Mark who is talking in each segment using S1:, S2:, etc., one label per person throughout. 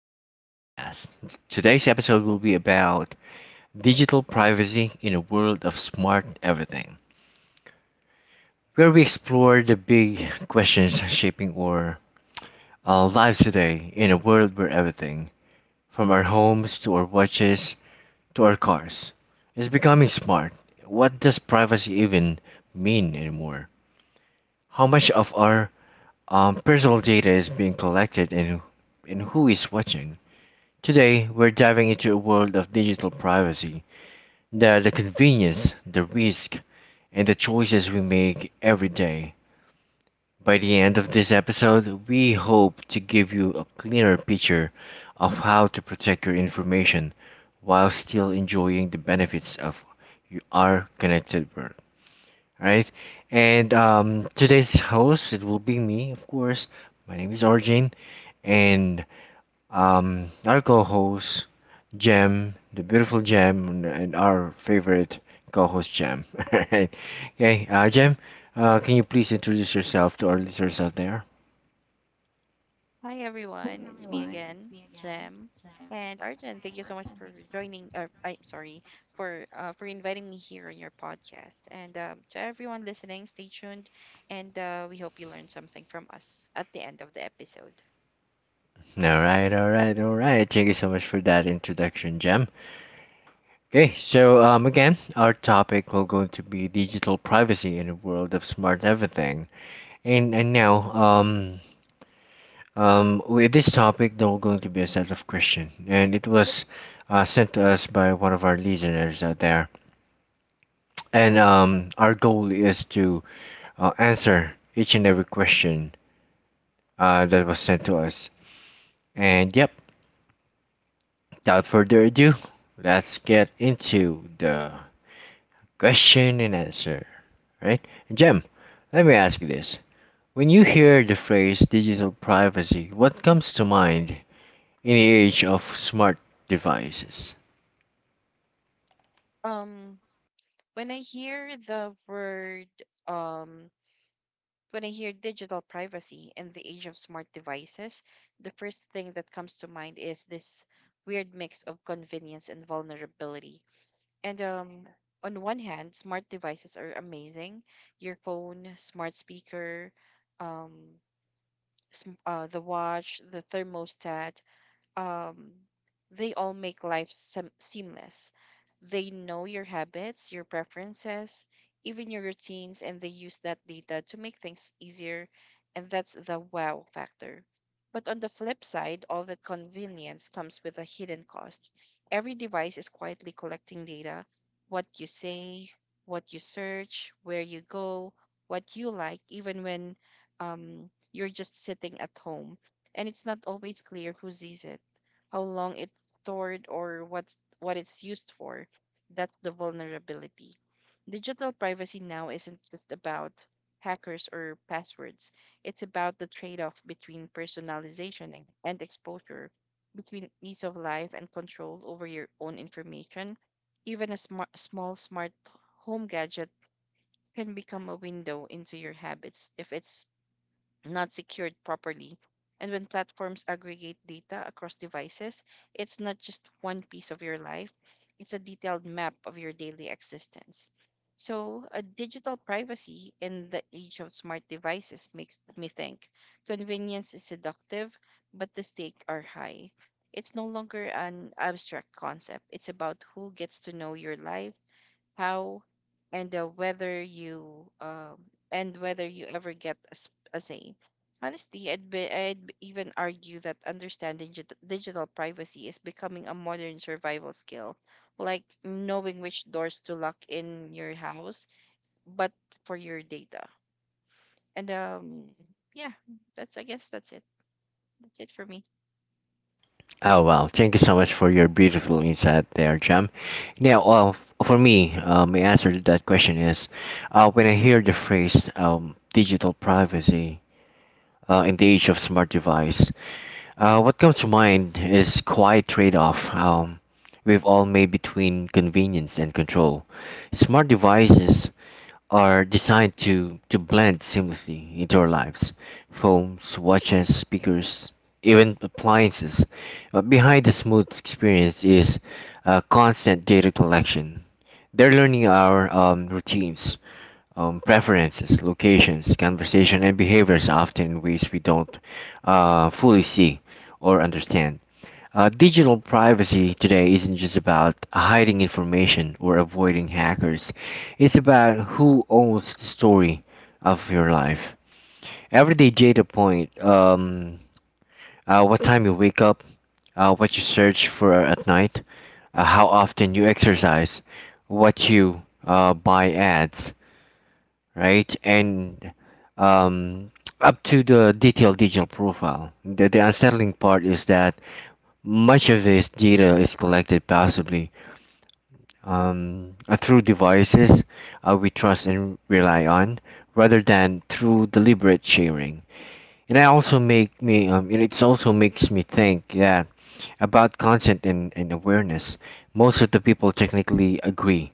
S1: Arjun's podcast. Today's episode will be about digital privacy in a world of smart everything, where we explore the big questions shaping our lives today in a world where everything, from our homes to our watches to our cars, is becoming smart. What does privacy even mean anymore? How much of our personal data is being collected and who is watching? Today, we're diving into a world of digital privacy, the convenience, the risk, and the choices we make every day. By the end of this episode, we hope to give you a clearer picture of how to protect your information while still enjoying the benefits of our connected world. Right? And Today's host, it will be me, of course. My name is Arjun, and our co host, Jem, the beautiful Jem, and our favorite co host, Jem. Alright. Okay, Jem, can you please introduce yourself to our listeners out there?
S2: Hi everyone, it's me again, Jem and Arjun. Thank you so much for joining. I'm sorry for inviting me here on your podcast. And To everyone listening, stay tuned, and we hope you learned something from us at the end of the episode.
S1: All right, all right, all right. Thank you so much for that introduction, Jem. Again, our topic will going to be digital privacy in a world of smart everything. And and now, um, with this topic, there were going to be a set of questions, and it was sent to us by one of our listeners out there. And Our goal is to answer each and every question that was sent to us. And yep, without further ado, let's get into the question and answer. Right, Jem, let me ask you this: when you hear the phrase "digital privacy," what comes to mind in the age of smart devices?
S2: Um, when I hear the word um, when I hear digital privacy in the age of smart devices, the first thing that comes to mind is this weird mix of convenience and vulnerability. And On one hand, smart devices are amazing. Your phone, smart speaker, um, the watch, the thermostat, um, they all make life seamless. They know your habits, your preferences, even your routines, and they use that data to make things easier. And that's the wow factor. But on the flip side, all that convenience comes with a hidden cost. Every device is quietly collecting data: what you say, what you search, where you go, what you like, even when you're just sitting at home. And it's not always clear who sees it, how long it's stored, or what it's used for. That's the vulnerability. Digital privacy now isn't just about hackers or passwords. It's about the trade-off between personalization and exposure, between ease of life and control over your own information. Even a small smart home gadget can become a window into your habits if it's not secured properly. And when platforms aggregate data across devices, it's not just one piece of your life, it's a detailed map of your daily existence. So, a digital privacy in the age of smart devices makes me think convenience is seductive, but the stakes are high. It's no longer an abstract concept. It's about who gets to know your life, how, and whether you and whether you ever get a say. Honestly, I'd even argue that understanding digital privacy is becoming a modern survival skill, like knowing which doors to lock in your house, but for your data. And yeah, that's I guess that's it. That's it for me.
S1: Oh wow! Thank you so much for your beautiful insight there, Jam. Now, for me, my answer to that question is, when I hear the phrase "digital privacy" in the age of smart device, what comes to mind is quite trade-off we've all made between convenience and control. Smart devices are designed to blend seamlessly into our lives phones, watches, speakers, even appliances. But behind the smooth experience is constant data collection. They're learning our routines, preferences, locations, conversation, and behaviors often in ways we don't fully see or understand. Digital privacy today isn't just about hiding information or avoiding hackers. It's about who owns the story of your life. Everyday data point, what time you wake up, what you search for at night, how often you exercise, what you buy ads, right? And um, Up to the detailed digital profile. The unsettling part is that much of this data is collected possibly through devices we trust and rely on, rather than through deliberate sharing. And it also makes me think yeah about consent and awareness. Most of the people technically agree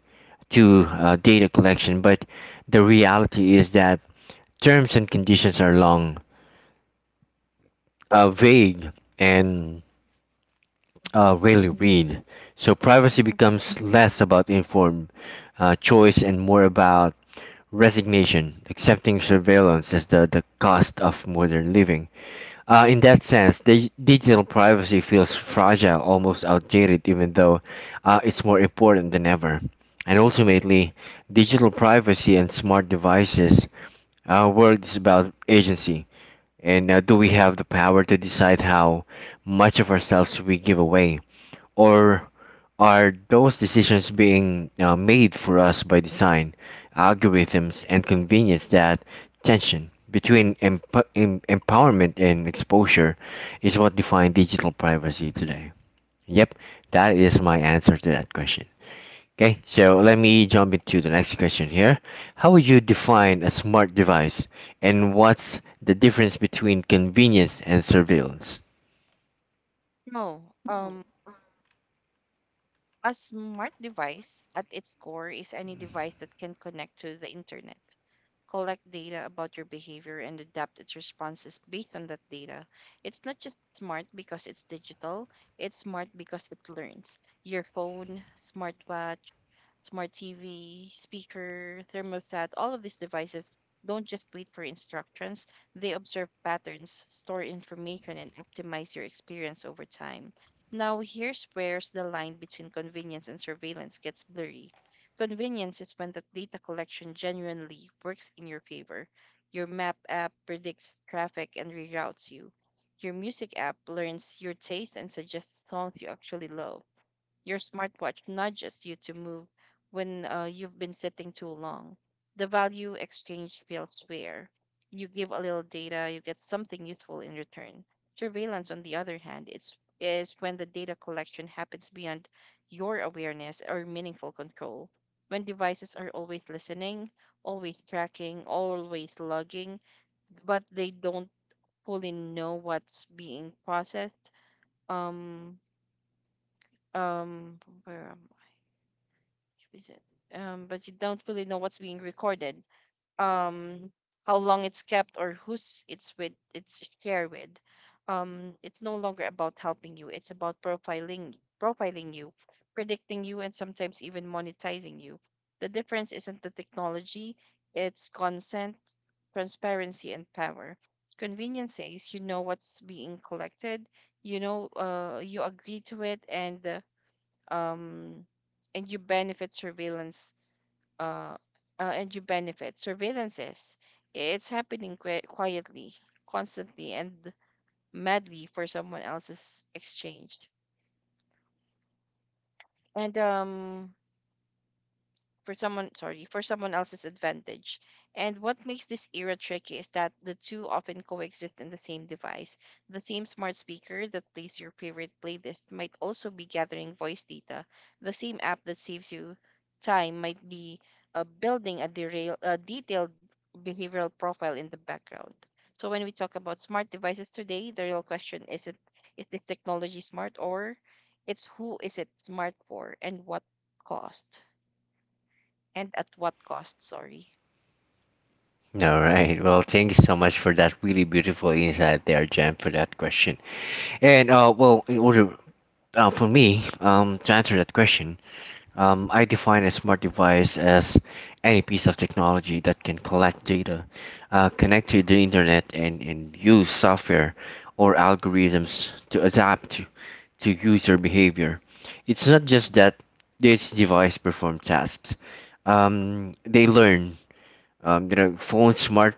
S1: to data collection, but the reality is that terms and conditions are long, vague, and
S2: hmm
S1: rarely read. So privacy
S2: hmm
S1: becomes less about informed choice and more about resignation, accepting surveillance as the cost of modern living. In that sense, dig- Digital privacy feels fragile, almost outdated, even though it's more important than ever. And ultimately, digital privacy and smart devices world is about agency. And Do we have the power to decide how much of ourselves we give away? Or are those decisions being made for us by design, algorithms, and convenience that tension between empowerment and exposure is what defines digital privacy today? Yep, that is my answer to that question. Okay, so let me jump into the next question here. How would you define a smart device, and what's the difference between convenience and surveillance?
S2: No, a smart device at its core is any device that can connect to the internet, collect data about your behavior, and adapt its responses based on that data. It's not just smart because it's digital, it's smart because it learns. Your phone, smartwatch, smart TV, speaker, thermostat, all of these devices don't just wait for instructions, they observe patterns, store information, and optimize your experience over time. Now, here's where the line between convenience and surveillance gets blurry. Convenience is when the data collection genuinely works in your favor. Your map app predicts traffic and reroutes you. Your music app learns your taste and suggests songs you actually love. Your smartwatch nudges you to move when you've been sitting too long. The value exchange feels fair. You give a little data, you get something useful in return. Surveillance, on the other hand, is when the data collection happens beyond your awareness or meaningful control. When devices are always listening, always tracking, always logging, but they don't fully know what's being processed. Um, um, where am is it? But you don't really know what's being recorded, um, how long it's kept, or it's shared with. It's no longer about helping you; it's about profiling you, predicting you, and sometimes even monetizing you. The difference isn't the technology; it's consent, transparency, and power. Convenience says you know what's being collected, you know, you agree to it, um, and you benefit surveillance uh, and you benefit surveillances it's happening quietly, constantly, and madly for someone else's exchange and for someone sorry for someone else's advantage. And what makes this era tricky is that the two often coexist in the same device. The same smart speaker that plays your favorite playlist might also be gathering voice data. The same app that saves you time might be a detailed behavioral profile in the background. So when we talk about smart devices today, the real question isn't is this technology smart, or it's who is it smart for cost and at what cost? Sorry.
S1: All right. Well, thank you so much for that really beautiful insight there, Jen, for that question. And Well, in order for me to answer that question, I define a smart device as any piece of technology that can collect data, connect to the internet, and use software or algorithms to adapt to user behavior. It's not just that this device perform tasks. They learn you know, phones, smart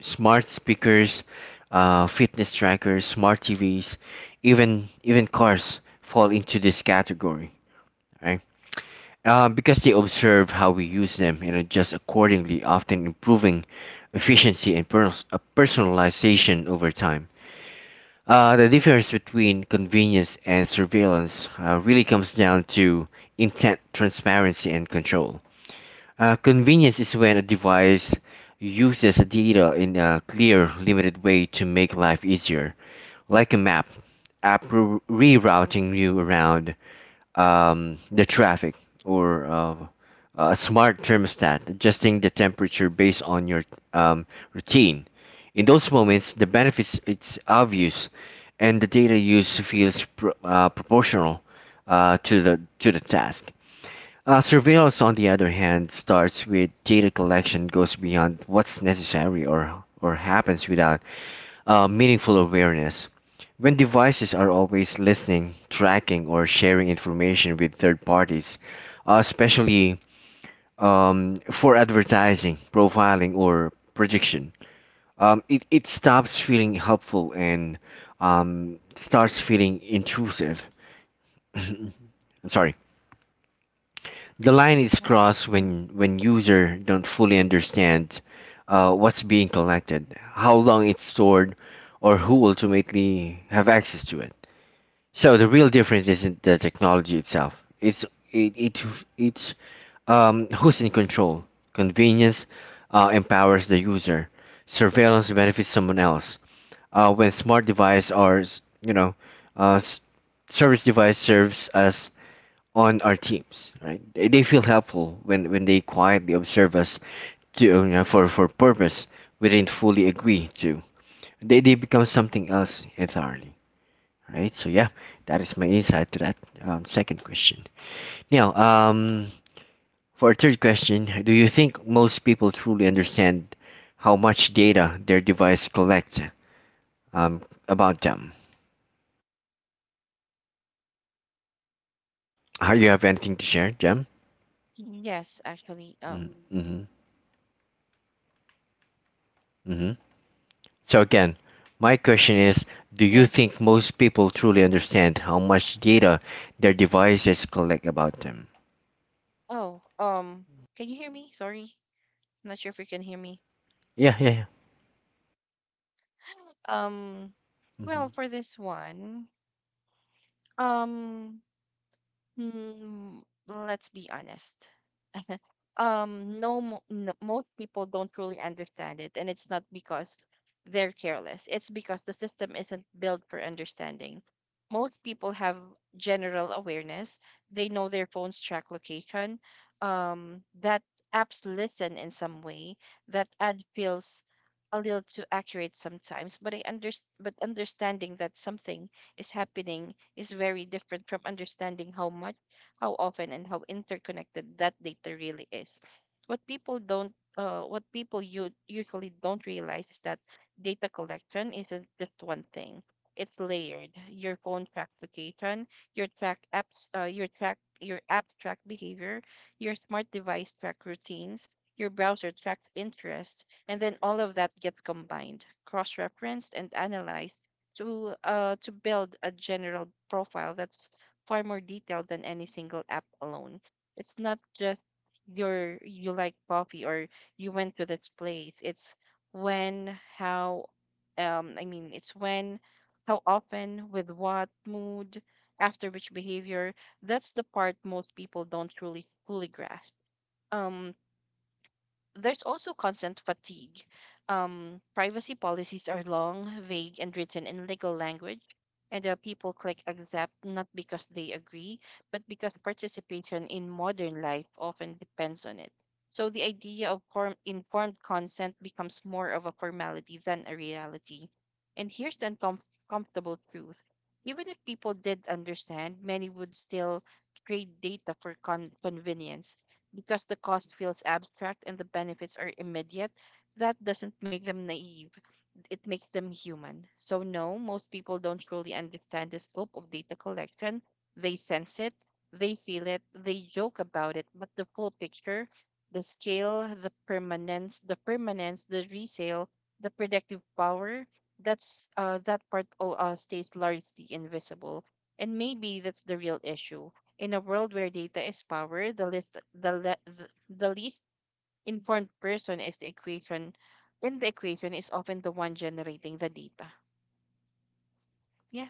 S1: smart speakers, fitness trackers, smart TVs, even cars fall into this category, right? Because they observe how we use them and adjust accordingly, often improving efficiency and personalization over time. The difference between convenience and surveillance really comes down to intent, transparency, and control. Convenience is when a device uses data in a clear, limited way to make life easier, like a map, app rerouting you around the traffic, or a smart thermostat adjusting the temperature based on your um, routine. In those moments, the benefits it's obvious, and the data used feels proportional to the to the task. Surveillance, on the other hand, starts with data collection, goes beyond what's necessary or happens without meaningful awareness. When devices are always listening, tracking, or sharing information with third parties, especially for advertising, profiling, or prediction, it stops feeling helpful and starts feeling intrusive. I'm sorry. The line is
S2: Um,
S1: crossed when user don't fully understand what's being collected, how long it's stored, or who ultimately have access to it. So the real difference isn't the technology itself. It's it, it it's Who's in control. Convenience empowers the user. Surveillance benefits someone else. When smart devices are you know uh, s- service device serves as on our teams, right? They feel helpful when they quietly observe us to you know, for purpose we didn't fully agree to. They become something else entirely, right? So yeah, that is my insight to that second question. Now, for our third question, do you think most people truly understand how much data their device collects um, about them? You have anything to share, Jem?
S2: Yes, actually. Oh,
S1: Mm-hmm. Mm-hmm. So again, my question is, do you
S2: yeah.
S1: think most people truly understand how much data their devices collect about them?
S2: Oh, can you hear me? Sorry. I'm not sure if you can hear me.
S1: Yeah, yeah, yeah.
S2: Um, well,
S1: Mhm.
S2: for this one, um, hmm, let's be honest. No, most people don't truly understand it, and it's not because they're careless, it's because the system isn't built for understanding. Most people have general awareness. They know their phones track location, that apps listen in some way, that ad feels a little too accurate sometimes, but understanding that something is happening is very different from understanding how much, how often, and how interconnected that data really is. What people don't what people you usually don't realize is that data collection isn't just one thing. It's layered. Your phone tracks location, your apps track behavior, your smart device track routines, your browser tracks interests, and then all of that gets combined, cross-referenced, and analyzed to build a general profile that's far more detailed than any single app alone. It's not just you like coffee or you went to this place. It's when, how, I mean, it's when, how often, with what mood, after which behavior. That's the part most people don't truly fully grasp. Um, there's also consent fatigue. Privacy policies are long, vague, and written in legal language, and people click accept not because they agree, but because participation in modern life often depends on it. So the idea of informed consent becomes more of a formality than a reality. And here's the uncomfortable truth. Even if people did understand, many would still trade data for convenience because the cost feels abstract and the benefits are immediate. That doesn't make them naive, it makes them human. So, no, most people don't truly understand the scope of data collection. They sense it, they feel it, they joke about it, but the full picture, the scale, the permanence, the resale, the predictive power, that part all stays largely invisible. And maybe that's the real issue. In a world where data is power, the least informed person is the equation, and the equation is often the one generating the data, yeah.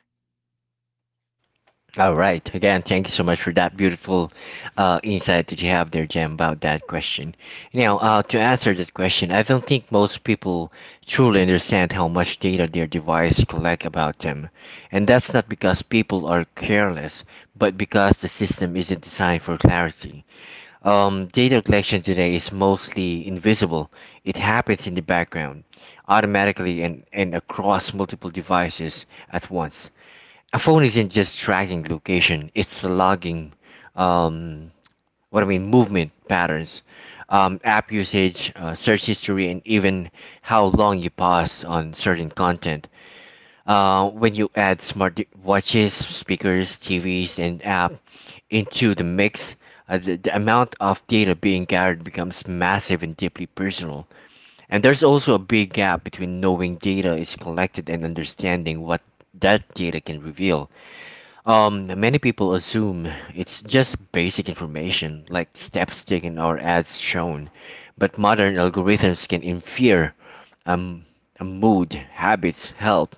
S1: All right. Again, thank you so much for that beautiful insight that you have there, Jem, about that question. Now,
S2: Mm-hmm,
S1: to answer that question, I don't think most people truly understand how much data their device collect about them. And that's not because people are careless, but because the system isn't designed for clarity. Data collection today is mostly invisible. It happens in the background, automatically and across multiple devices at once. A phone isn't just tracking location, it's logging um, movement patterns, app usage, search history, and even how long you pause on certain content. When you add watches, speakers, TVs, and app into the mix, the amount of data being gathered becomes massive and deeply personal. And there's also a big gap between knowing data is collected and understanding what that data can reveal. Many people assume it's just basic information, like steps taken or ads shown, but modern algorithms can infer um, a mood, habits,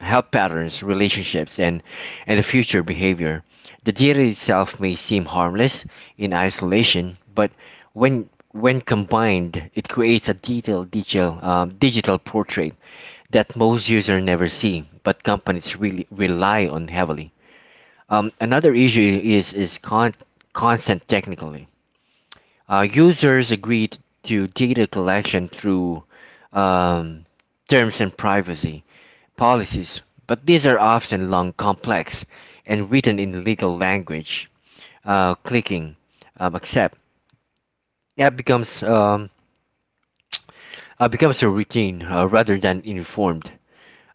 S1: health patterns, relationships, and the future behavior. The data itself may seem harmless in isolation, but when combined, it creates a detailed digital portrait that most users never see, but companies really rely on heavily. Another issue is consent technically. Users agreed to data collection through um, terms and privacy, policies, but these are often long, complex, and written in legal language. Clicking accept that becomes a routine rather than informed.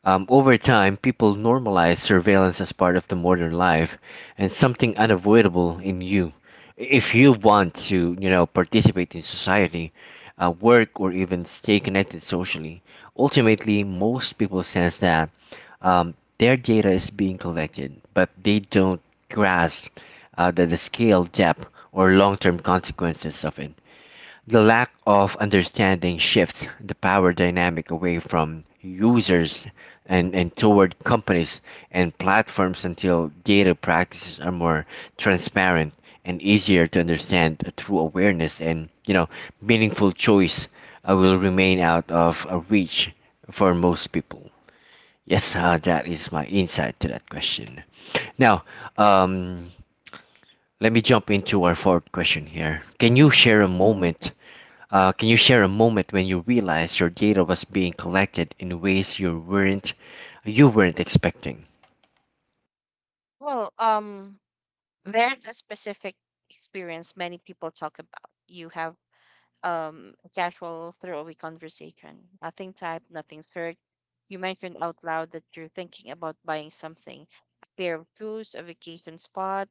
S1: Over time, people normalize surveillance as part of the modern life and something unavoidable in you. If you want to, you know, participate in society, work, or even stay connected socially, ultimately, most people sense that their data is being collected, but they don't grasp the scale, depth, or long term consequences of it. The lack of understanding shifts the power dynamic away from users and toward companies and platforms until data practices are more transparent and easier to understand through awareness and you know meaningful choice will remain out of reach for most people. Yes, that is my insight to that question. Now, um, let me jump into our fourth question here. Can you
S2: mm-hmm.
S1: share a moment? Can you share a moment when you realized your data was being collected in ways you weren't expecting?
S2: Well, there's a specific experience many people talk about. You have casual throwaway conversation. Nothing typed, nothing searched. You mentioned out loud that you're thinking about buying something: a pair of shoes, a vacation spot,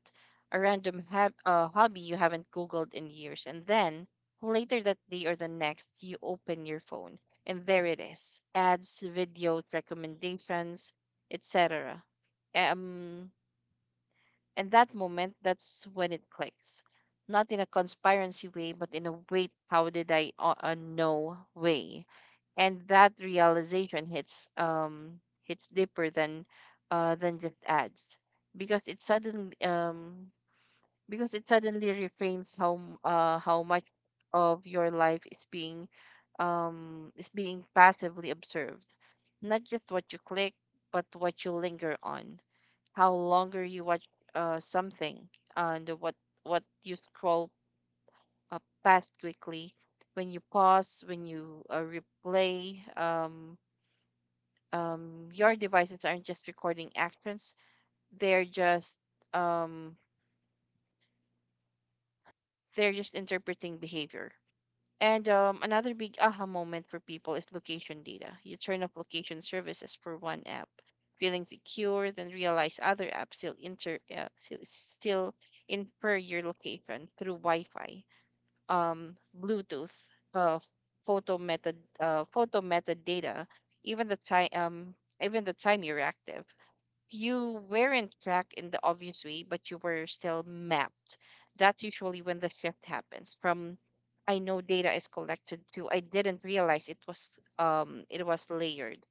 S2: a random hobby you haven't Googled in years. And then later that day or the next, you open your phone and there it is: ads, videos, recommendations, etc. Um, and that moment, that's when it clicks. Not in a conspiracy way, but in a wait, how did I know way. And that realization hits deeper than just ads, because it suddenly um because it suddenly reframes how much of your life is being passively observed. Not just what you click, but what you linger on, how longer you watch something, and what you scroll past quickly, when you pause, when you replay. Your devices aren't just recording actions, they're just um they're just interpreting behavior. And Another big aha moment for people is location data. You turn off location services for one app, feeling secure, then realize other apps still inter still still infer your location through Wi-Fi, Bluetooth, uh, photo metadata, even the time um even the time you're active. You weren't tracked in the obvious way, but you were still mapped. That's usually when the shift happens from I know data is collected to I didn't realize it was layered.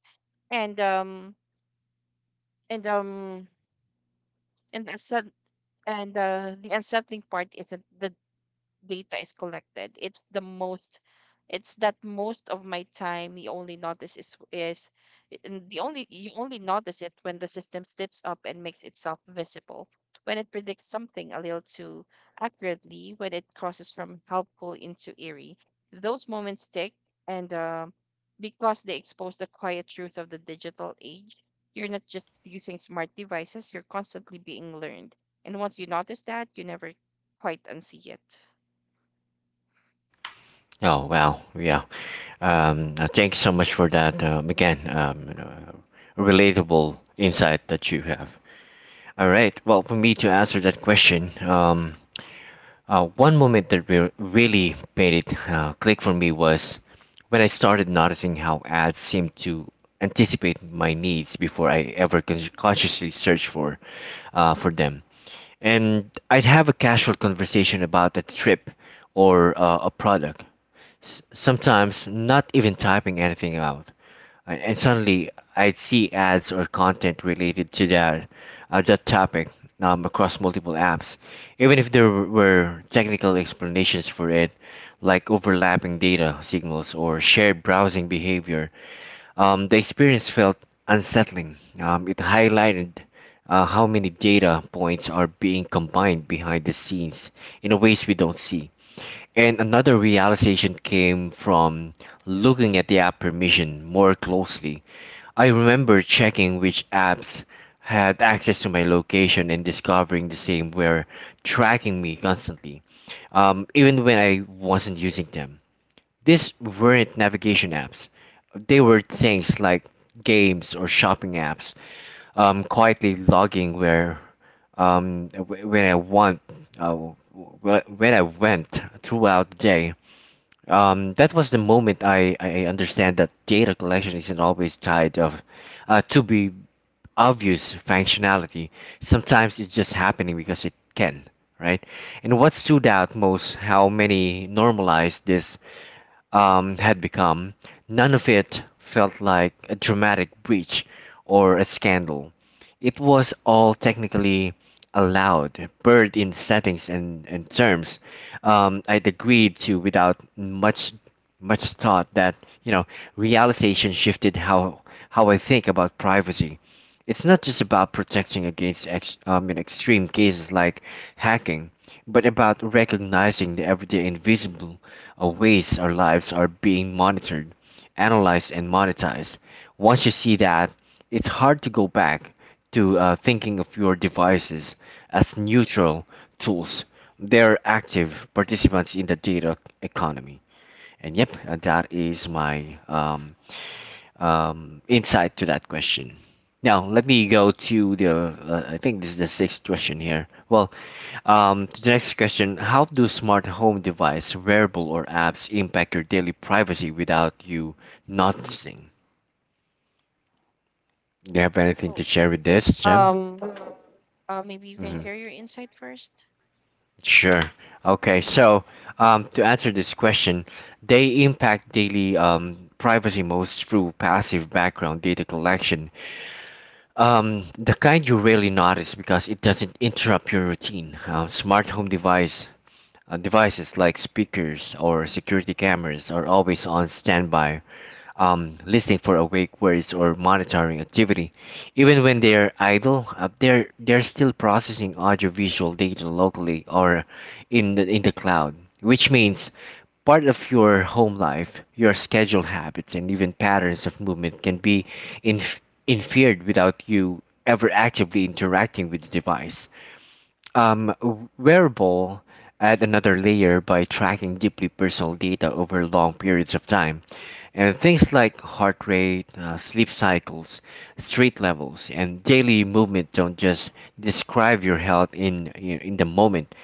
S2: And um and um and the unsett- and The unsettling part isn't the data is collected. It's that most of my time the only notice is and the only you only notice it when the system steps up and makes itself visible. When it predicts something a little too accurately, when it crosses from helpful into eerie. Those moments stick, and because they expose the quiet truth of the digital age. You're not just using smart devices, you're constantly being learned. And once you notice that, you never quite unsee it.
S1: Oh wow, yeah.
S2: Mm-hmm.
S1: Thank you so much for that. You know, relatable insight that you have. All right. Well, for me to answer that question, one moment that really made it click for me was when I started noticing how ads seemed to anticipate my needs before I ever consciously searched for them. And I'd have a casual conversation about a trip or a product, sometimes not even typing anything out and suddenly I'd see ads or content related to that topic, across multiple apps, even if there were technical explanations for it, like overlapping data signals or shared browsing behavior. The experience felt unsettling. It highlighted how many data points are being combined behind the scenes in ways we don't see. And another realization came from looking at the app permission more closely. I remember checking which apps had access to my location and discovering the same were tracking me constantly, even when I wasn't using them. These weren't navigation apps, they were things like games or shopping apps, quietly logging where wh- when I want wh- when I went throughout the day. That was the moment I understand that data collection isn't always tied of to be obvious functionality. Sometimes it's just happening because it can, right? And what stood out most how many normalized this had become. None of it felt like a dramatic breach or a scandal. It was all technically allowed, buried in settings and terms I'd agreed to without much thought that you know realization shifted how I think about privacy. It's not just about protecting against in extreme cases like hacking, but about recognizing the everyday invisible our ways, our lives are being monitored, analyzed, and monetized. Once you see that, it's hard to go back to thinking of your devices as neutral tools. They're active participants in the data economy. And yep, that is my insight to that question. Now, let me go to the, I think this is the sixth question here. Well, the next question: how do smart home device, wearable, or apps impact your daily privacy without you noticing? Do you have anything to
S2: Well,
S1: share with this, Jem?
S2: Um. Uh, maybe you can
S1: Hmm.
S2: share your insight first.
S1: Sure. Okay,
S2: Hmm.
S1: so to answer this question, they impact daily privacy most through passive background data collection, the kind you rarely notice because it doesn't interrupt your routine. Smart home device devices like speakers or security cameras are always on standby, listening for awake words or monitoring activity. Even when they're idle, they're still processing audiovisual data locally or in the cloud, which means part of your home life, your schedule habits, and even patterns of movement can be inf- inferred without you ever actively interacting with the device. Um, wearable add another layer by tracking deeply personal data over long periods of time, and things like heart rate, sleep cycles, street levels, and daily movement don't just describe your health in the moment.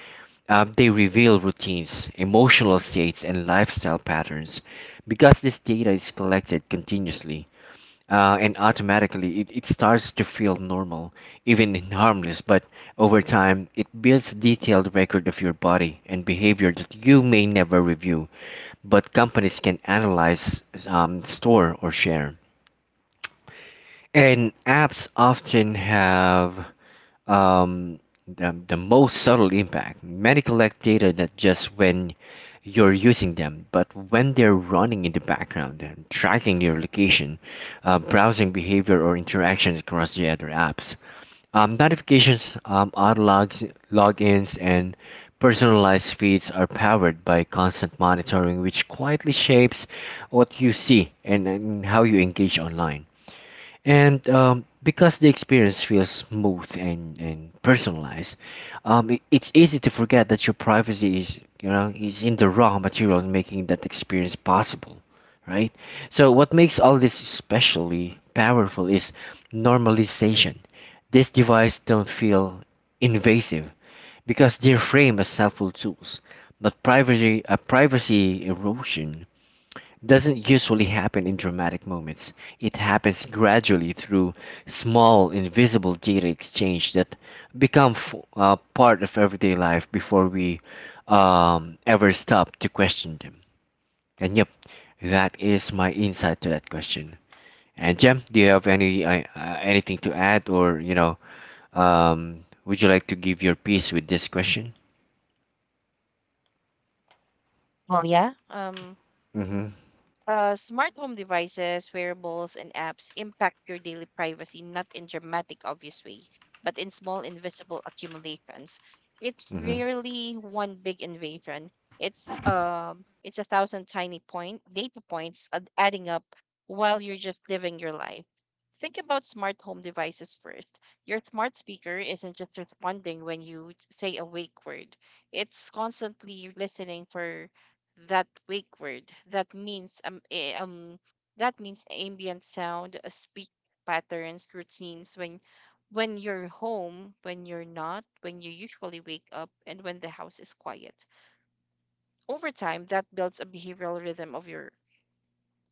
S1: Um, they reveal routines, emotional states, and lifestyle patterns because this data is collected continuously, and automatically. It starts to feel normal, even harmless. But over time, it builds detailed record of your body and behavior that you may never review, but companies can analyze, store, or share. And apps often have um, the most subtle impact. Many collect data not just when you're using them, but when they're running in the background and tracking your location, browsing behavior, or interactions across the other apps. Notifications, auto logs, logins, and personalized feeds are powered by constant monitoring, which quietly shapes what you see and how you engage online. And because the experience feels smooth and personalized, it's easy to forget that your privacy is, you know, is in the raw material making that experience possible, right? So what makes all this especially powerful is normalization. These devices don't feel invasive because they're framed as helpful tools, but privacy erosion doesn't usually happen in dramatic moments. It happens gradually through small, invisible data exchange that become part of everyday life before we ever stop to question them. And yep, that is my insight to that question. And Jem, do you have any anything to add, or you know, would you like to give your piece with this question?
S2: Well, yeah.
S1: Mm-hmm.
S2: Smart home devices, wearables, and apps impact your daily privacy not in dramatic, obvious way, but in small, invisible accumulations. It's
S1: Mm-hmm.
S2: rarely one big invasion. It's a thousand tiny point data points adding up while you're just living your life. Think about smart home devices first. Your smart speaker isn't just responding when you say a wake word. It's constantly listening for that wake word that means that means ambient sound speak patterns routines when you're home, when you're not, when you usually wake up, and when the house is quiet. Over time, that builds a behavioral rhythm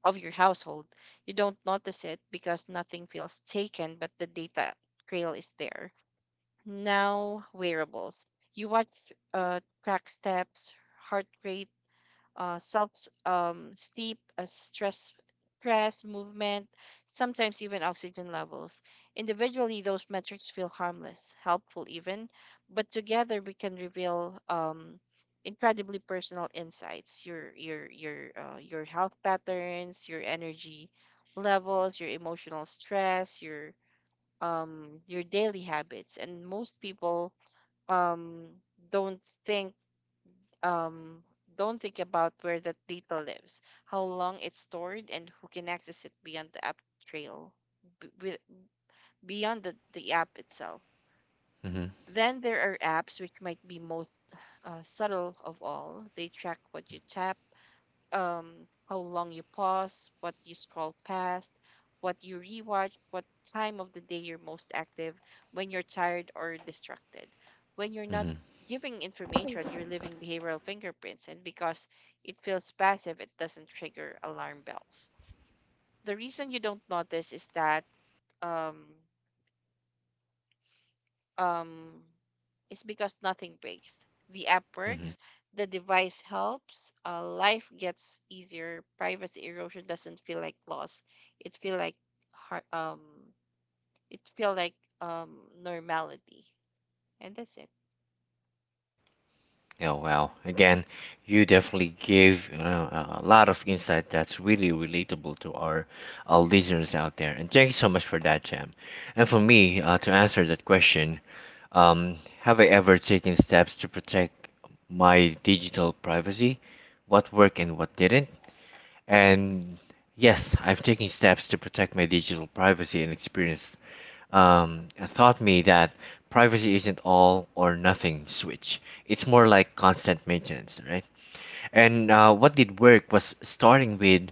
S2: of your household. You don't notice it because nothing feels taken, but the data trail is there. Now wearables, you watch track steps, heart rate, self sleep, stress, movement, sometimes even oxygen levels. Individually, those metrics feel harmless, helpful even, but together we can reveal incredibly personal insights. Your health patterns, your energy levels, your emotional stress, your daily habits. And most people um don't think um, don't think about where that data lives, how long it's stored, and who can access it beyond the app trail, b- with- beyond the app itself.
S1: Mm-hmm.
S2: Then there are apps, which might be most subtle of all. They track what you tap, um, how long you pause, what you scroll past, what you rewatch, what time of the day you're most active, when you're tired or distracted. When you're not
S1: Mm-hmm.
S2: giving information, you're leaving behavioral fingerprints, and because it feels passive, it doesn't trigger alarm bells. The reason you don't notice is that. Um, um, is because nothing breaks. The app works, the device helps, life gets easier, privacy erosion doesn't feel like loss. It feel like har- um, it feel like um normality, and that's it.
S1: Oh wow! Again, you definitely gave you know, a lot of insight that's really relatable to our listeners out there. And thank you so much for that, Jam. And for me, to answer that question, have I ever taken steps to protect my digital privacy? What worked and what didn't? And yes, I've taken steps to protect my digital privacy and experienced um, taught me that privacy isn't all or nothing switch. It's more like constant maintenance, right? And what did work was starting with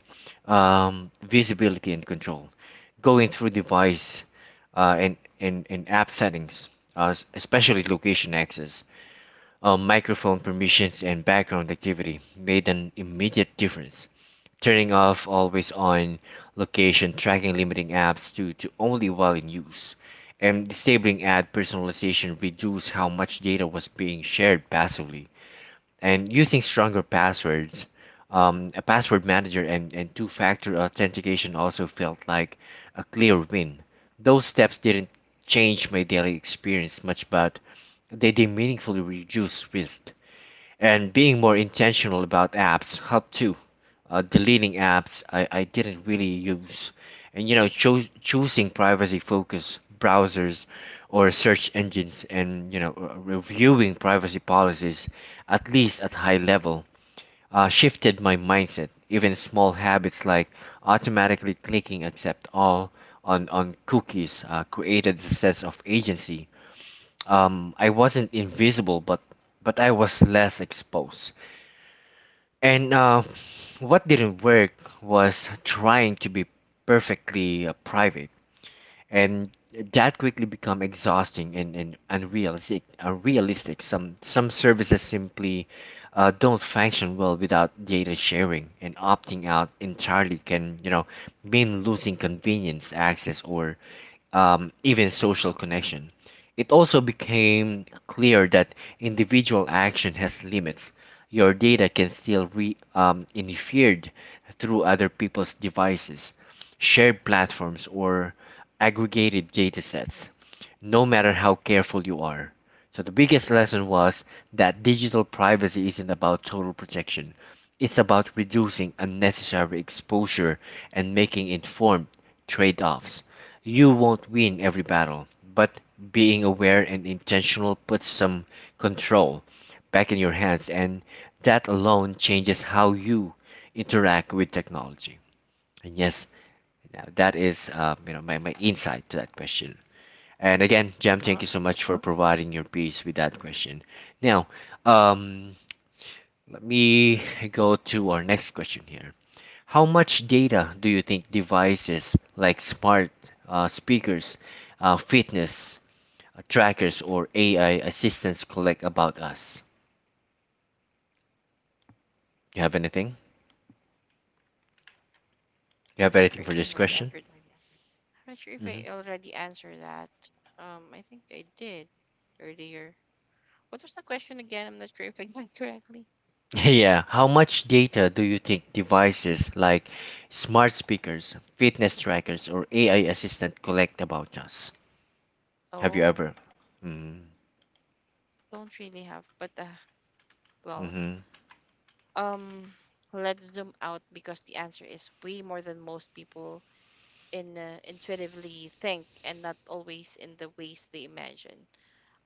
S1: visibility and control, going through device and app settings, especially location access, microphone permissions, and background activity made an immediate difference turning off always on location tracking, limiting apps to only while in use, and disabling ad personalization reduce how much data was being shared passively. And using stronger passwords, a password manager, and two-factor authentication also felt like a clear win. Those steps didn't change my daily experience much but they meaningfully reduce risk. And being more intentional about apps help too. Deleting apps I didn't really use, and you know choosing privacy focused browsers or search engines, and you know reviewing privacy policies at least at high level shifted my mindset. Even small habits like automatically clicking accept all on cookies created a sense of agency. I wasn't invisible, but I was less exposed. And what didn't work was trying to be perfectly private, and that quickly become exhausting and unrealistic. Unrealistic. Some services simply don't function well without data sharing, and opting out entirely can you know mean losing convenience, access, or even social connection. It also became clear that individual action has limits. Your data can still be interfered through other people's devices, shared platforms, or aggregated data sets, no matter how careful you are. So, the biggest lesson was that digital privacy isn't about total protection, it's about reducing unnecessary exposure and making informed trade offs. You won't win every battle, but being aware and intentional puts some control back in your hands, and that alone changes how you interact with technology. And yes, now that is you know my, my insight to that question. And again,
S2: Uh
S1: Jam,
S2: huh.
S1: thank you so much for providing your piece with that question. Now, um, let me go to our next question here. How much data do you think devices like smart speakers, fitness trackers, or AI assistants collect about us? You have anything? You
S2: I'm
S1: have
S2: not sure
S1: anything for
S2: if I
S1: this
S2: already
S1: question?
S2: answered that. I'm not sure if I
S1: Hmm.
S2: already answered that. I think I did earlier. What was the question again? I'm not sure if I got it correctly.
S1: Yeah. How much data do you think devices like smart speakers, fitness trackers, or AI assistant collect about us? Have you
S2: Oh,
S1: ever? Mm-hmm.
S2: don't really have, but well.
S1: Mm-hmm.
S2: Um, let's zoom out because the answer is way more than most people in intuitively think, and not always in the ways they imagine.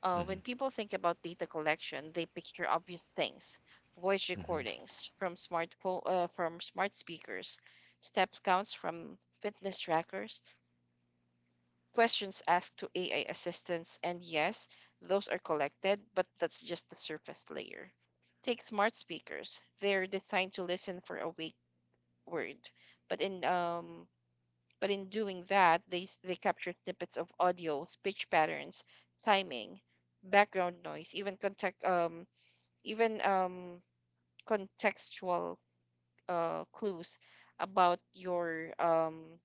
S1: Mm-hmm.
S2: When people think about data collection, they picture obvious things: voice
S1: Mm-hmm.
S2: recordings from smartphone, from smart speakers, steps counts from fitness trackers, questions asked to AI assistants, and yes, those are collected, but that's just the surface layer. Take smart speakers. They're designed to listen for awake word. But in um but in doing that, they capture snippets of audio, speech patterns, timing, background noise, even contextual clues about your um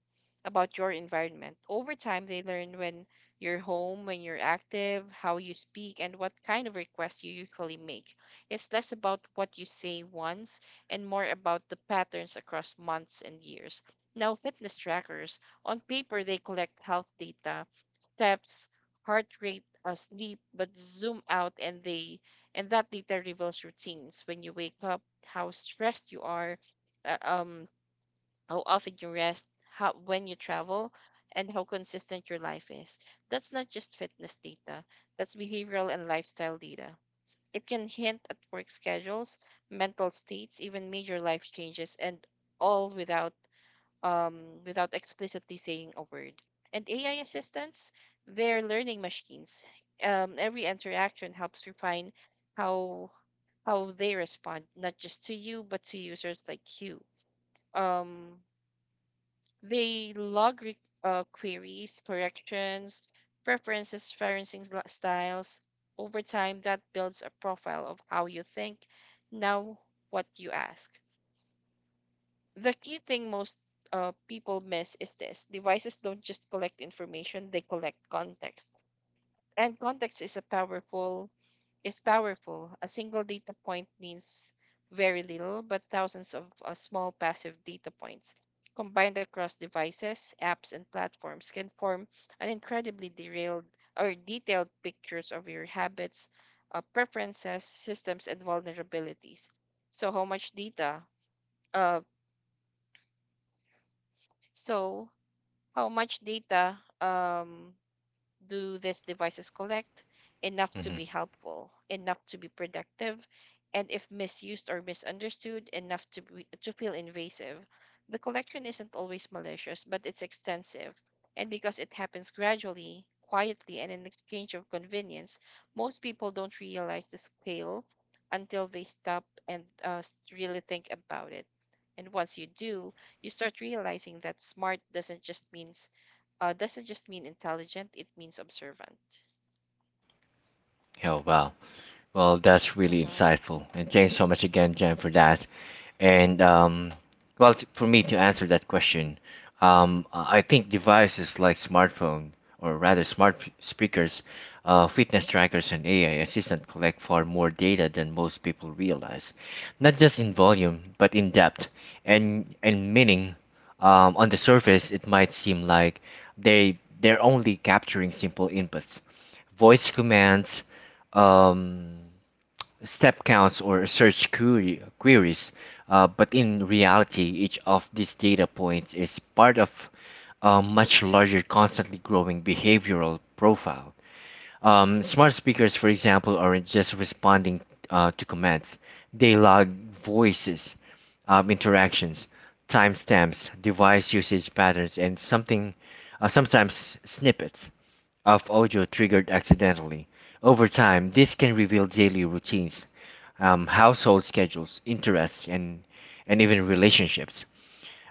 S2: about your environment. Over time, they learn when you're home, when you're active, how you speak, and what kind of requests you usually make. It's less about what you say once and more about the patterns across months and years. Now, fitness trackers, on paper, they collect health data: steps, heart rate, sleep, but zoom out and they and that data reveals routines when you wake up, how stressed you are, uh, um, how often you rest, how when you travel, and how consistent your life is. That's not just fitness data. That's behavioral and lifestyle data. It can hint at work schedules, mental states, even major life changes, and all without without explicitly saying a word. And AI assistants, they're learning machines. Every interaction helps refine how how they respond, not just to you, but to users like you. Um, they log queries, corrections, preferences, referencing styles. Over time, that builds a profile of how you think, now what you ask. The key thing most people miss is this: devices don't just collect information, they collect context, and context is a powerful, is powerful. A single data point means very little, but thousands of small passive data points combined across devices, apps, and platforms can form an incredibly derailed or detailed pictures of your habits, preferences, systems, and vulnerabilities. So how much data uh, so how much data do these devices collect? Enough to
S1: Mm-hmm.
S2: be helpful, enough to be productive, and if misused or misunderstood, enough to feel invasive. The collection isn't always malicious, but it's extensive, and because it happens gradually, quietly, and in exchange of convenience, most people don't realize the scale until they stop and really think about it. And once you do, you start realizing that smart doesn't just mean intelligent; it means observant.
S1: Oh, wow. Well, that's really
S2: Mm-hmm.
S1: insightful, and thanks so much again, Jen, for that. And well, for me to answer that question, um, I think devices like smartphone or rather smart p- speakers, fitness trackers, and AI assistant collect far more data than most people realize, not just in volume but in depth and meaning. On the surface, it might seem like they're only capturing simple inputs, voice commands. Um, step counts or search query, queries, but in reality, each of these data points is part of a much larger, constantly growing behavioral profile. Smart speakers, for example, aren't just responding to commands, they log voices, interactions, timestamps, device usage patterns, and something sometimes snippets of audio triggered accidentally. Over time, this can reveal daily routines, household schedules, interests, and even relationships.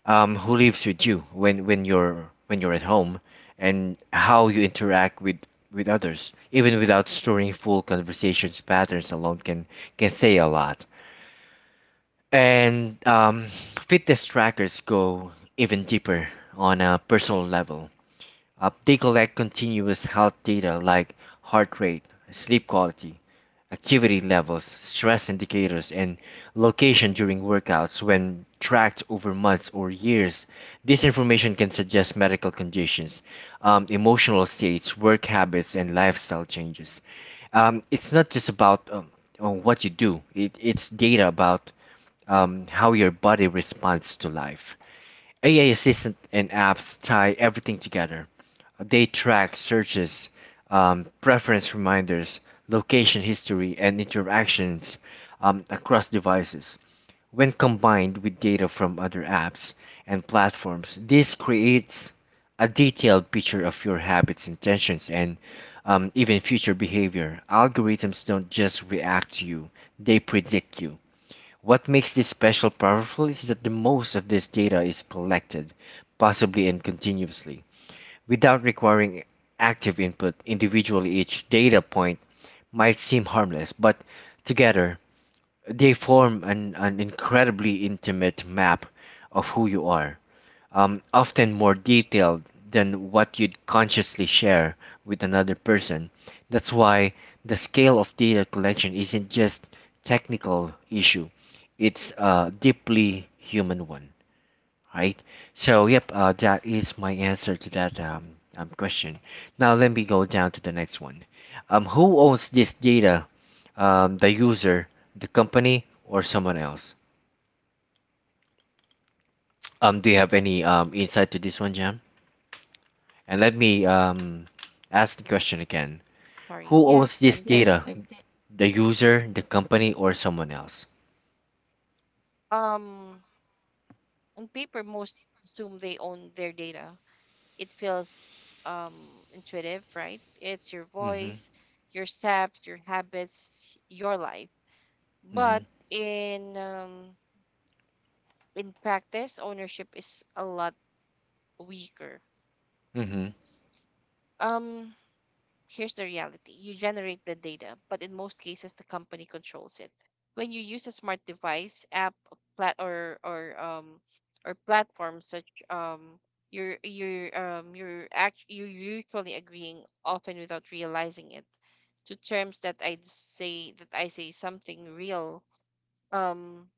S1: Um, who lives with you when you're at home, and how you interact with others. Even without storing full conversations, patterns alone can say a lot. And fitness trackers go even deeper on a personal level. They collect continuous health data like heart rate, sleep quality, activity levels, stress indicators, and location during workouts. When tracked over months or years, this information can suggest medical conditions, emotional states, work habits, and lifestyle changes. It's not just about what you do, it's data about how your body responds to life. AI assistant and apps tie everything together. They track searches, preference reminders, location history, and interactions across devices. When combined with data from other apps and platforms, this creates a detailed picture of your habits, intentions, and even future behavior. Algorithms don't just react to you, they predict you. What makes this special powerful is that the most of this data is collected, possibly and continuously. Without requiring active input, individually each data point might seem harmless, but together they form an incredibly intimate map of who you are, often more detailed than what you'd consciously share with another person. That's why the scale of data collection isn't just technical issue, it's a deeply human one, right? So, yep, that is my answer to that question. Now, let me go down to the next one. Who owns this data? The user, the company, or someone else? Do you have any insight to this one, Jam? And let me ask the question again.
S2: Sorry.
S1: Who
S2: Yeah,
S1: owns this data? The user, the company, or someone else?
S2: um on paper most assume they own their data. It feels intuitive, right? It's your
S1: Mm-hmm.
S2: voice, your steps, your habits, your life.
S1: Mm-hmm.
S2: But in um in practice, ownership is a lot weaker.
S1: Mm-hmm.
S2: Um Here's the reality: you generate the data, but in most cases, the company controls it. When you use a smart device, app, plat- or, or, um, or platform such you're usually agreeing, often without realizing it, to terms that I say something real, um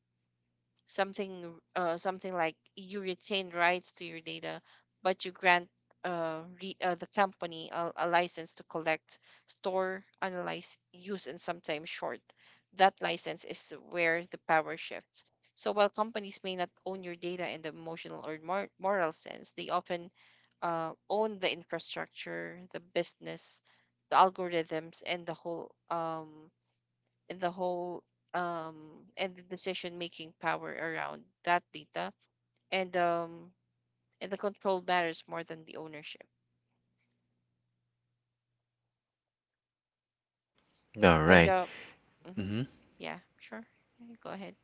S2: something something like you retain rights to your data, but you grant the company a license to collect, store, analyze, use, and sometimes short. That license is where the power shifts. So while companies may not own your data in the emotional or moral sense, they often own the infrastructure, the business, the algorithms, and the whole the whole and the decision making power around that data. and um and the control matters more than the ownership.
S1: All
S2: And
S1: right.
S2: Mhm.
S1: Mm-hmm.
S2: Yeah, sure. Yeah, go ahead.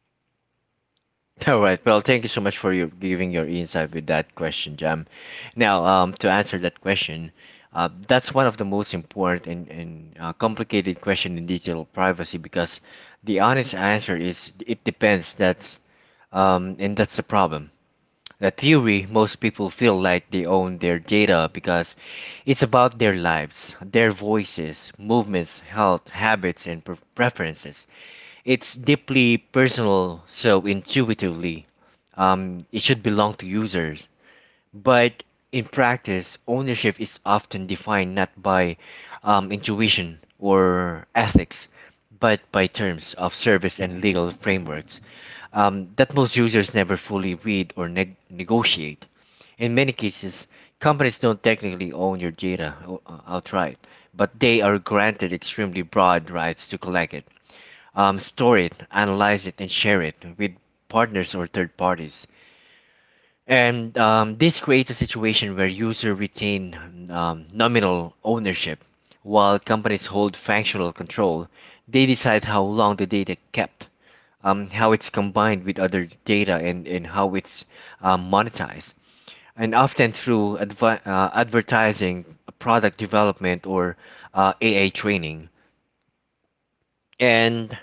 S1: All right. Well, thank you so much for your giving your insight with that question, Jam. Now, to answer that question, that's one of the most important and complicated question in digital privacy because the honest answer is it depends. That's and that's the problem. The theory, most people feel like they own their data because it's about their lives, their voices, movements, health, habits, and preferences. It's deeply personal, so intuitively, it should belong to users. But in practice, ownership is often defined not by intuition or ethics, but by terms of service and legal frameworks that most users never fully read or negotiate. In many cases, companies don't technically own your data outright, but they are granted extremely broad rights to collect it, store it, analyze it, and share it with partners or third parties. And this creates a situation where users retain nominal ownership while companies hold functional control. They decide how long the data kept, how it's combined with other data, and how it's monetized. And often through advertising, product development, or AI training. And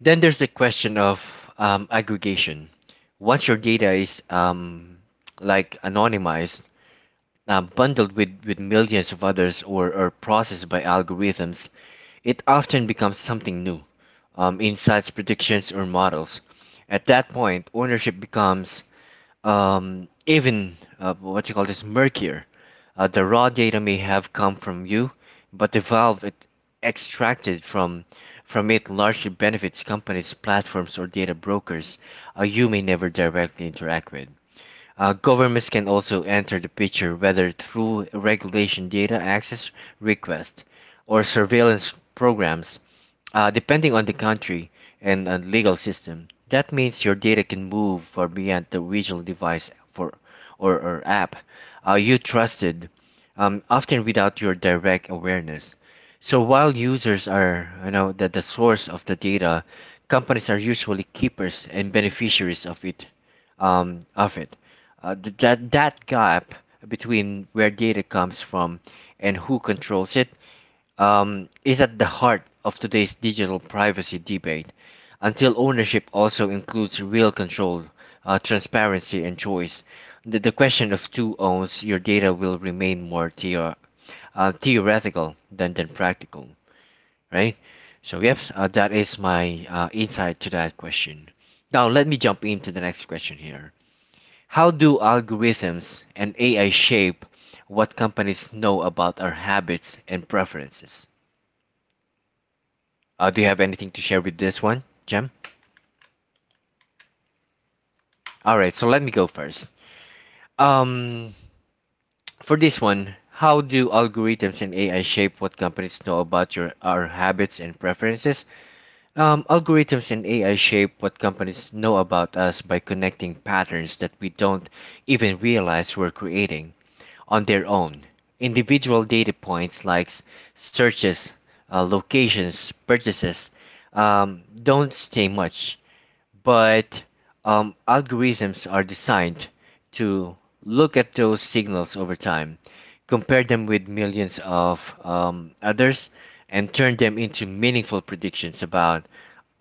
S1: then there's the question of aggregation. Once your data is like anonymized, bundled with millions of others or processed by algorithms, it often becomes something new, insights, predictions, or models. At that point, ownership becomes even what you call this murkier. The raw data may have come from you, but the valve it extracted from it largely benefits companies, platforms, or data brokers you may never directly interact with. Governments can also enter the picture, whether through regulation data access request or surveillance programs, depending on the country and legal system, that means your data can move far beyond the original device for or app you trusted, often without your direct awareness. So while users are, you know, the source of the data, companies are usually keepers and beneficiaries of it. Um, of it, that gap between where data comes from and who controls it is at the heart of today's digital privacy debate. Until ownership also includes real control, transparency, and choice, the question of who owns your data will remain more theoretical than practical, right? So, yes, that is my insight to that question. Now, let me jump into the next question here. How do algorithms and AI shape what companies know about our habits and preferences? Do you have anything to share with this one, Jem? All right, so let me go first. Um, for this one, how do algorithms and AI shape what companies know about your our habits and preferences? Algorithms and AI shape what companies know about us by connecting patterns that we don't even realize we're creating on their own. Individual data points like searches, locations, purchases, don't say much but algorithms are designed to look at those signals over time, compare them with millions of others, and turn them into meaningful predictions about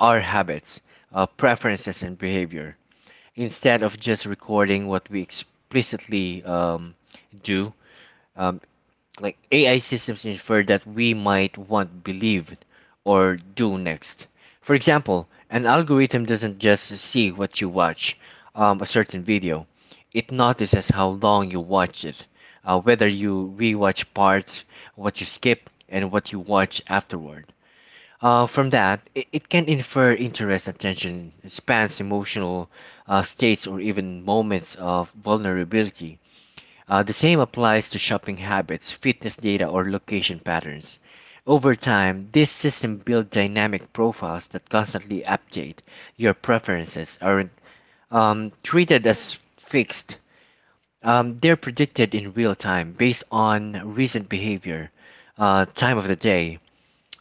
S1: our habits, preferences, and behavior. Instead of just recording what we explicitly do, um, like AI systems infer that we might want believed or do next. For example, an algorithm doesn't just see what you watch, a certain video. It notices how long you watch it, whether you rewatch parts, what you skip, and what you watch afterward. From that, it can infer interest, attention, spans, emotional states, or even moments of vulnerability. The same applies to shopping habits, fitness data, or location patterns. Over time, this system builds dynamic profiles that constantly update. Your preferences aren't treated as fixed. They're predicted in real time based on recent behavior, time of the day,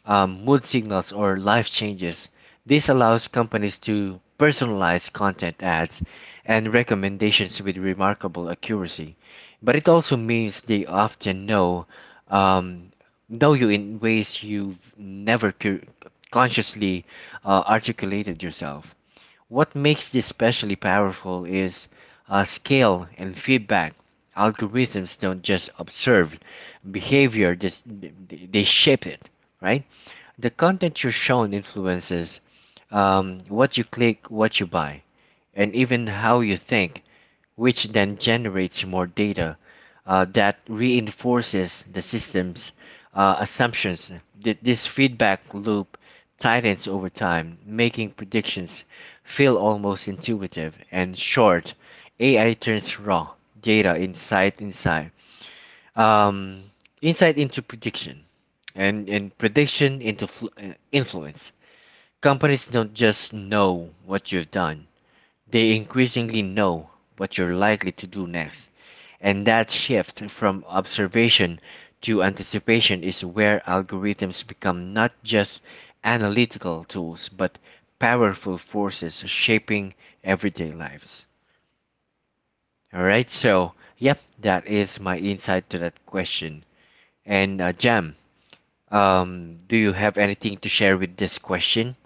S1: mood signals, or life changes. This allows companies to personalize content ads and recommendations with remarkable accuracy. But it also means they often know um, you in ways you've never consciously articulated yourself. What makes this especially powerful is scale and feedback. Algorithms don't just observe behavior; they shape it, right? The content you're shown influences what you click, what you buy, and even how you think, which then generates more data that reinforces the system's assumptions. This feedback loop tightens over time, making predictions feel almost intuitive and short. AI turns raw data insight inside um, insight into prediction and prediction into influence. Companies don't just know what you've done, they increasingly know what you're likely to do next. And that shift from observation to anticipation is where algorithms become not just analytical tools but powerful forces shaping everyday lives. All right, so yep, that is my insight to that question. And Jam, do you have anything to share with this question?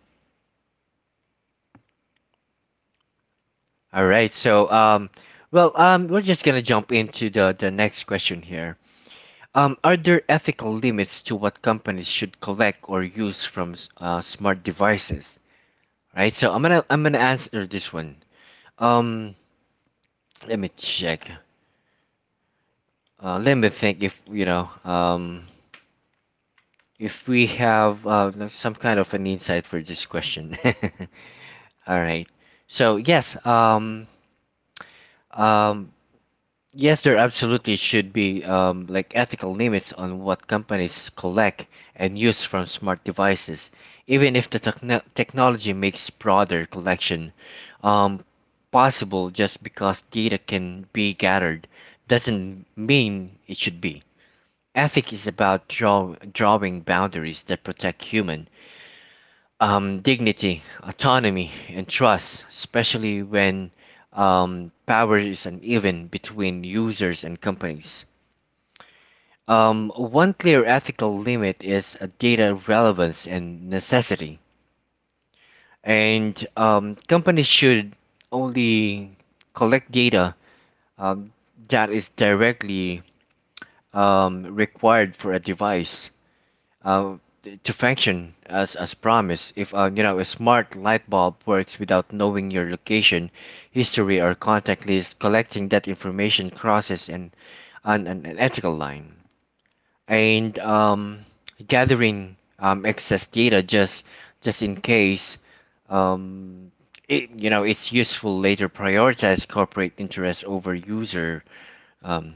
S1: All right. So, we're just gonna jump into the next question here. Are there ethical limits to what companies should collect or use from smart devices? Right. So I'm gonna answer this one. Um, Let me check. Let me think if you know. If we have some kind of an insight for this question. All right. So yes, um, yes, there absolutely should be like ethical limits on what companies collect and use from smart devices, even if the technology makes broader collection um, possible. Just because data can be gathered doesn't mean it should be. Ethic is about drawing boundaries that protect human dignity, autonomy, and trust, especially when power is uneven between users and companies. One clear ethical limit is data relevance and necessity, and companies should only collect data um, that is directly required for a device uh, to function as promised. If you know a smart light bulb works without knowing your location, history, or contact list, collecting that information crosses an ethical line. And gathering excess data just in case um, it, you know it's useful later prioritize corporate interests over um,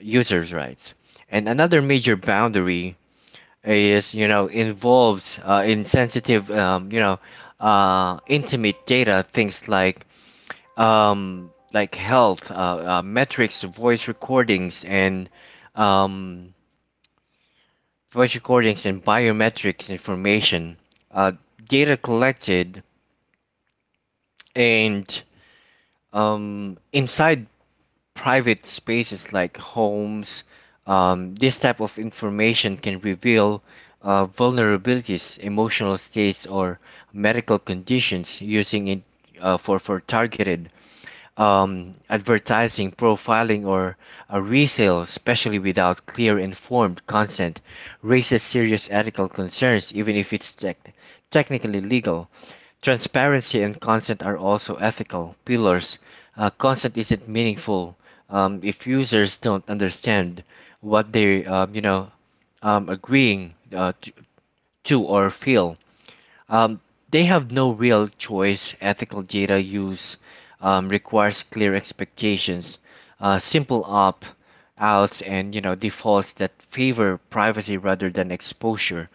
S1: users' rights. And another major boundary is you know involves in sensitive you know intimate data things like health metrics voice recordings and um, biometrics information, uh, data collected and inside private spaces like homes, this type of information can reveal vulnerabilities, emotional states, or medical conditions using it for targeted advertising, profiling, or a resale, especially without clear informed consent, raises serious ethical concerns, even if it's technically legal. Transparency and consent are also ethical pillars. Consent isn't meaningful if users don't understand what they, you know, agreeing to or feel. Um, they have no real choice. Ethical data use requires clear expectations, simple opt outs, and you know defaults that favor privacy rather than exposure.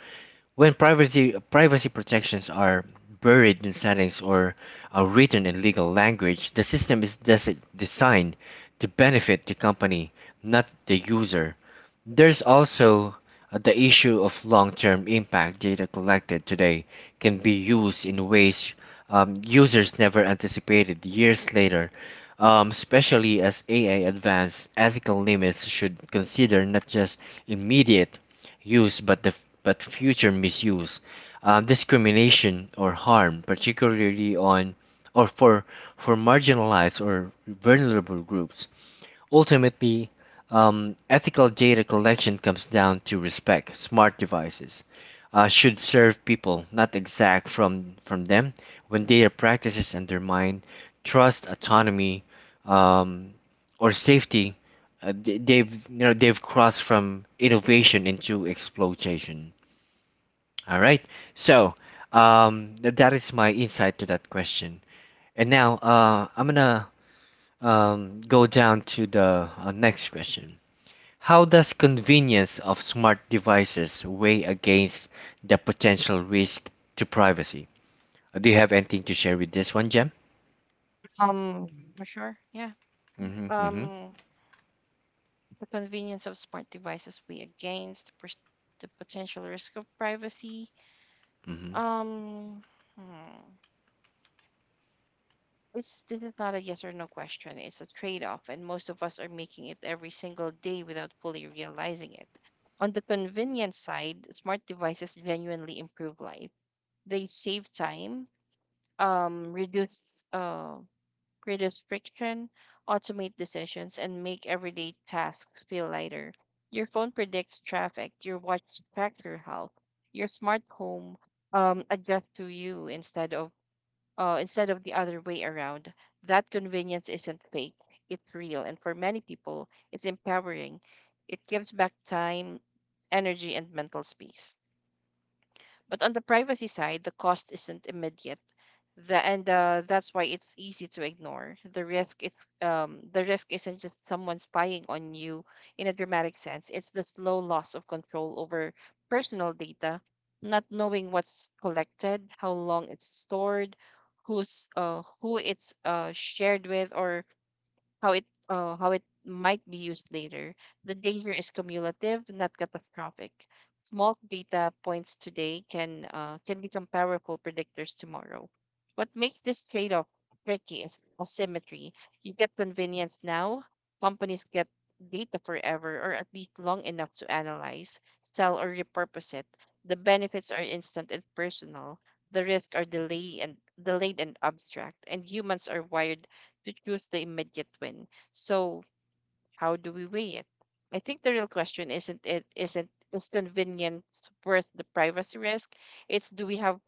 S1: When privacy protections are buried in settings or are written in legal language, the system is designed to benefit the company, not the user. There's also the issue of long-term impact. Data collected today can be used in ways users never anticipated years later, especially as AI advances, ethical limits should consider not just immediate use but future misuse, discrimination or harm, particularly on or for marginalized or vulnerable groups. Ultimately, ethical data collection comes down to respect. Smart devices should serve people, not exact from them. When data practices undermine trust, autonomy, um, or safety, they've you know they've crossed from innovation into exploitation. All right, so that is my insight to that question. And now I'm gonna go down to the next question. How does convenience of smart devices weigh against the potential risk to privacy? Do you have anything to share with this one, Jem?
S2: um for sure, yeah.
S1: Mm-hmm, mm-hmm,
S2: Um, the convenience of smart devices weigh against the potential risk of privacy.
S1: mm-hmm.
S2: um hmm. It's, this is not a yes or no question. It's a trade-off, and most of us are making it every single day without fully realizing it. On the convenience side, smart devices genuinely improve life. They save time, um, reduce uh, reduce friction, automate decisions, and make everyday tasks feel lighter. Your phone predicts traffic. Your watch tracks your health. Your smart home adjusts to you instead of the other way around. That convenience isn't fake, it's real. And for many people, it's empowering. It gives back time, energy, and mental space. But on the privacy side, the cost isn't immediate. The, and That's why it's easy to ignore the risk. It's The risk isn't just someone spying on you in a dramatic sense. It's the slow loss of control over personal data, not knowing what's collected, how long it's stored, who it's shared with, or how it might be used later. The danger is cumulative, not catastrophic. Small data points today can become powerful predictors tomorrow. What makes this trade-off tricky is asymmetry. You get convenience now, companies get data forever, or at least long enough to analyze, sell, or repurpose it. The benefits are instant and personal. The risks are delayed and abstract, and humans are wired to choose the immediate win. So how do we weigh it? I think the real question isn't, is convenience worth the privacy risk? It's, do we have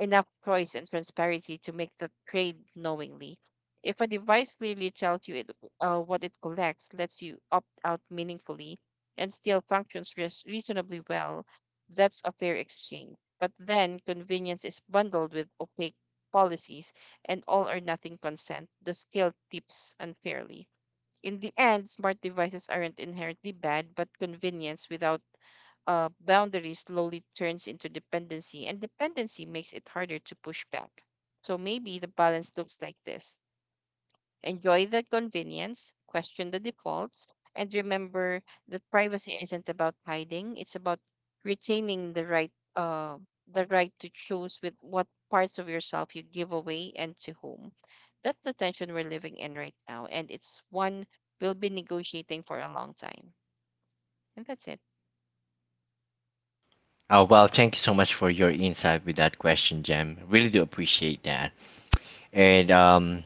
S2: enough choice and transparency to make the trade knowingly. If a device clearly tells you what it collects, lets you opt out meaningfully, and still functions reasonably well, that's a fair exchange. But then convenience is bundled with opaque policies and all or nothing consent. The scale tips unfairly. In the end, smart devices aren't inherently bad, but convenience without boundary slowly turns into dependency, and dependency makes it harder to push back. So maybe the balance looks like this: enjoy the convenience, question the defaults, and remember that privacy isn't about hiding, it's about retaining the right. The right to choose with what parts of yourself you give away and to whom. That's the tension we're living in right now, and it's one we'll be negotiating for a long time. And that's it.
S1: Oh well, thank you so much for your insight with that question, Jem. Really do appreciate that. And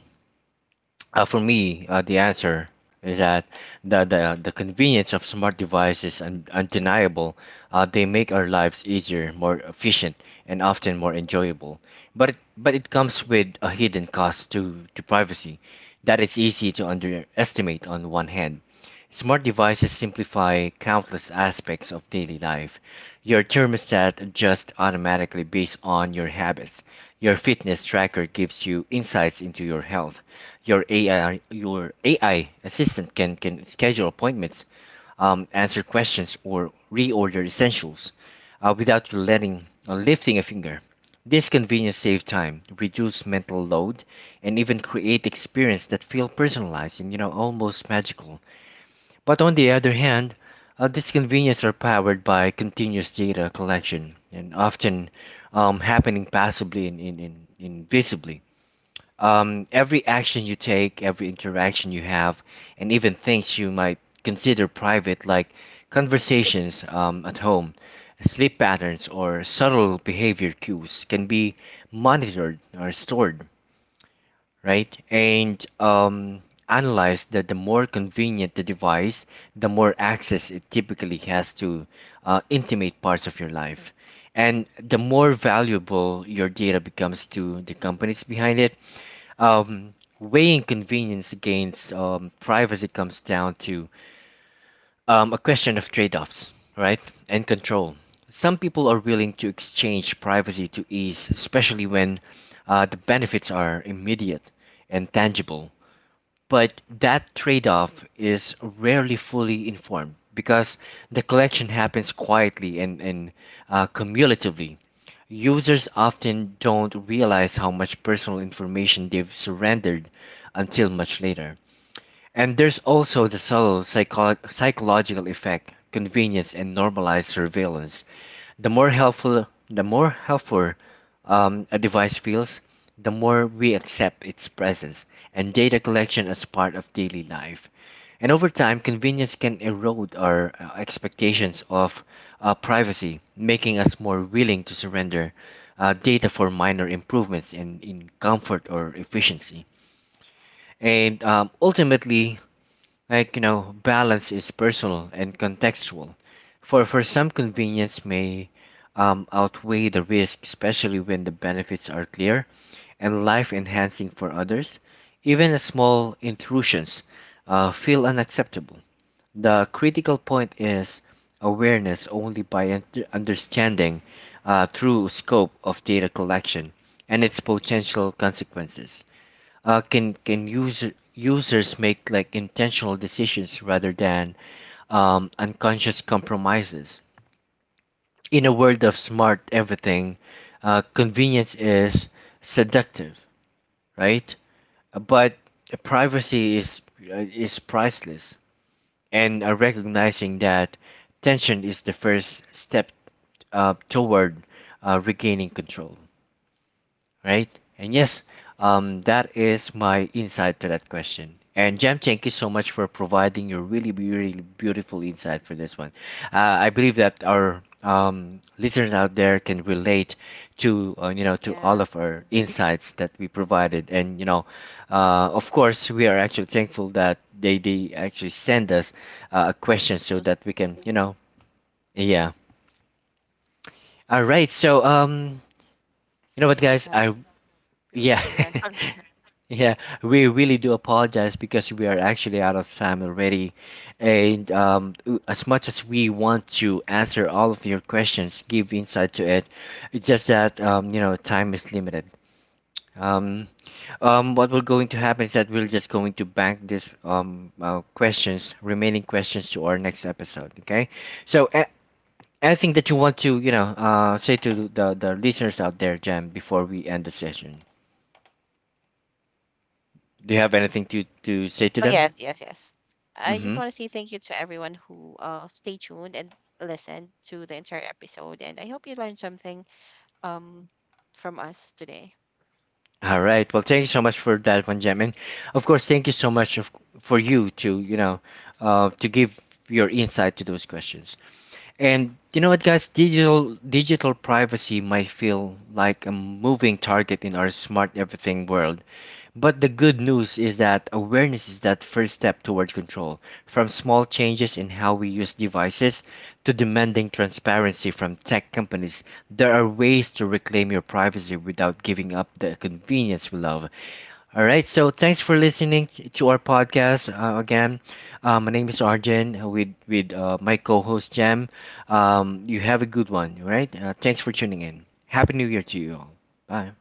S1: For me, the answer is that the convenience of smart devices is undeniable. They make our lives easier, more efficient, and often more enjoyable. But it comes with a hidden cost to privacy that it's easy to underestimate on one hand. Smart devices simplify countless aspects of daily life. Your thermostat adjusts automatically based on your habits. Your fitness tracker gives you insights into your health. Your AI, your AI assistant can schedule appointments, answer questions, or reorder essentials without you lifting a finger. This convenience saves time, reduce mental load, and even create experience that feel personalized and almost magical. But on the other hand, these conveniences are powered by continuous data collection and often happening passively and invisibly. Every action you take, every interaction you have, and even things you might consider private, like conversations at home, sleep patterns, or subtle behavior cues, can be monitored or stored, right? And Analyze that the more convenient the device, the more access it typically has to intimate parts of your life. And the more valuable your data becomes to the companies behind it. Um, weighing convenience against privacy comes down to a question of trade offs, right? And control. Some people are willing to exchange privacy to ease, especially when the benefits are immediate and tangible. But that trade-off is rarely fully informed because the collection happens quietly and cumulatively. Users often don't realize how much personal information they've surrendered until much later. And there's also the subtle psychological effect, convenience, and normalized surveillance. The more helpful the more helpful a device feels, the more we accept its presence and data collection as part of daily life. And over time convenience can erode our expectations of privacy, making us more willing to surrender data for minor improvements in comfort or efficiency. And Ultimately, balance is personal and contextual. For some, convenience may outweigh the risk, especially when the benefits are clear and life enhancing. For others, even a small intrusions feel unacceptable. The critical point is awareness. Only by understanding true scope of data collection and its potential consequences can users make like intentional decisions rather than unconscious compromises. In a world of smart everything, convenience is seductive, right? But privacy is priceless, and recognizing that tension is the first step toward regaining control, right? And yes,
S2: Right.
S1: that is my insight to that question. And Jam, thank you so much for providing your really, really beautiful insight for this one. I believe that our listeners out there can relate to to all
S2: Yeah,
S1: of our insights that we provided. And you know, uh, of course, we are actually thankful that they actually send us a question so
S2: those.
S1: that we can, you know, yeah. All right, so you know
S2: We
S1: what,
S2: don't
S1: guys?
S2: have,
S1: I
S2: we
S1: Yeah.
S2: already ran out.
S1: Yeah, we really do apologize because we are actually out of time already. As much as we want to answer all of your questions, give insight to it, it's just that, you know, time is limited. Um, what we're going to happen is that we're just going to bank this questions, remaining questions to our next episode. Okay, so anything that you want to, you know, say to the listeners out there, Jam, before we end the session. Do you have anything to say to
S2: Oh,
S1: them?
S2: yes, yes, yes. I just
S1: Mm-hmm.
S2: want to say thank you to everyone who stay tuned and listened to the entire episode, and I hope you learned something um from us today.
S1: All right. Well, thank you so much for that one, Jem. And of course, thank you so much of, for you to, you know, to give your insight to those questions. And you know what, guys? Digital privacy might feel like a moving target in our smart everything world. But the good news is that awareness is that first step towards control, from small changes in how we use devices to demanding transparency from tech companies. There are ways to reclaim your privacy without giving up the convenience we love. All right, so thanks for listening to our podcast again. My name is Arjen with my co-host Jam. You have a good one, all right? Thanks for tuning in. Happy New Year to you all. Bye.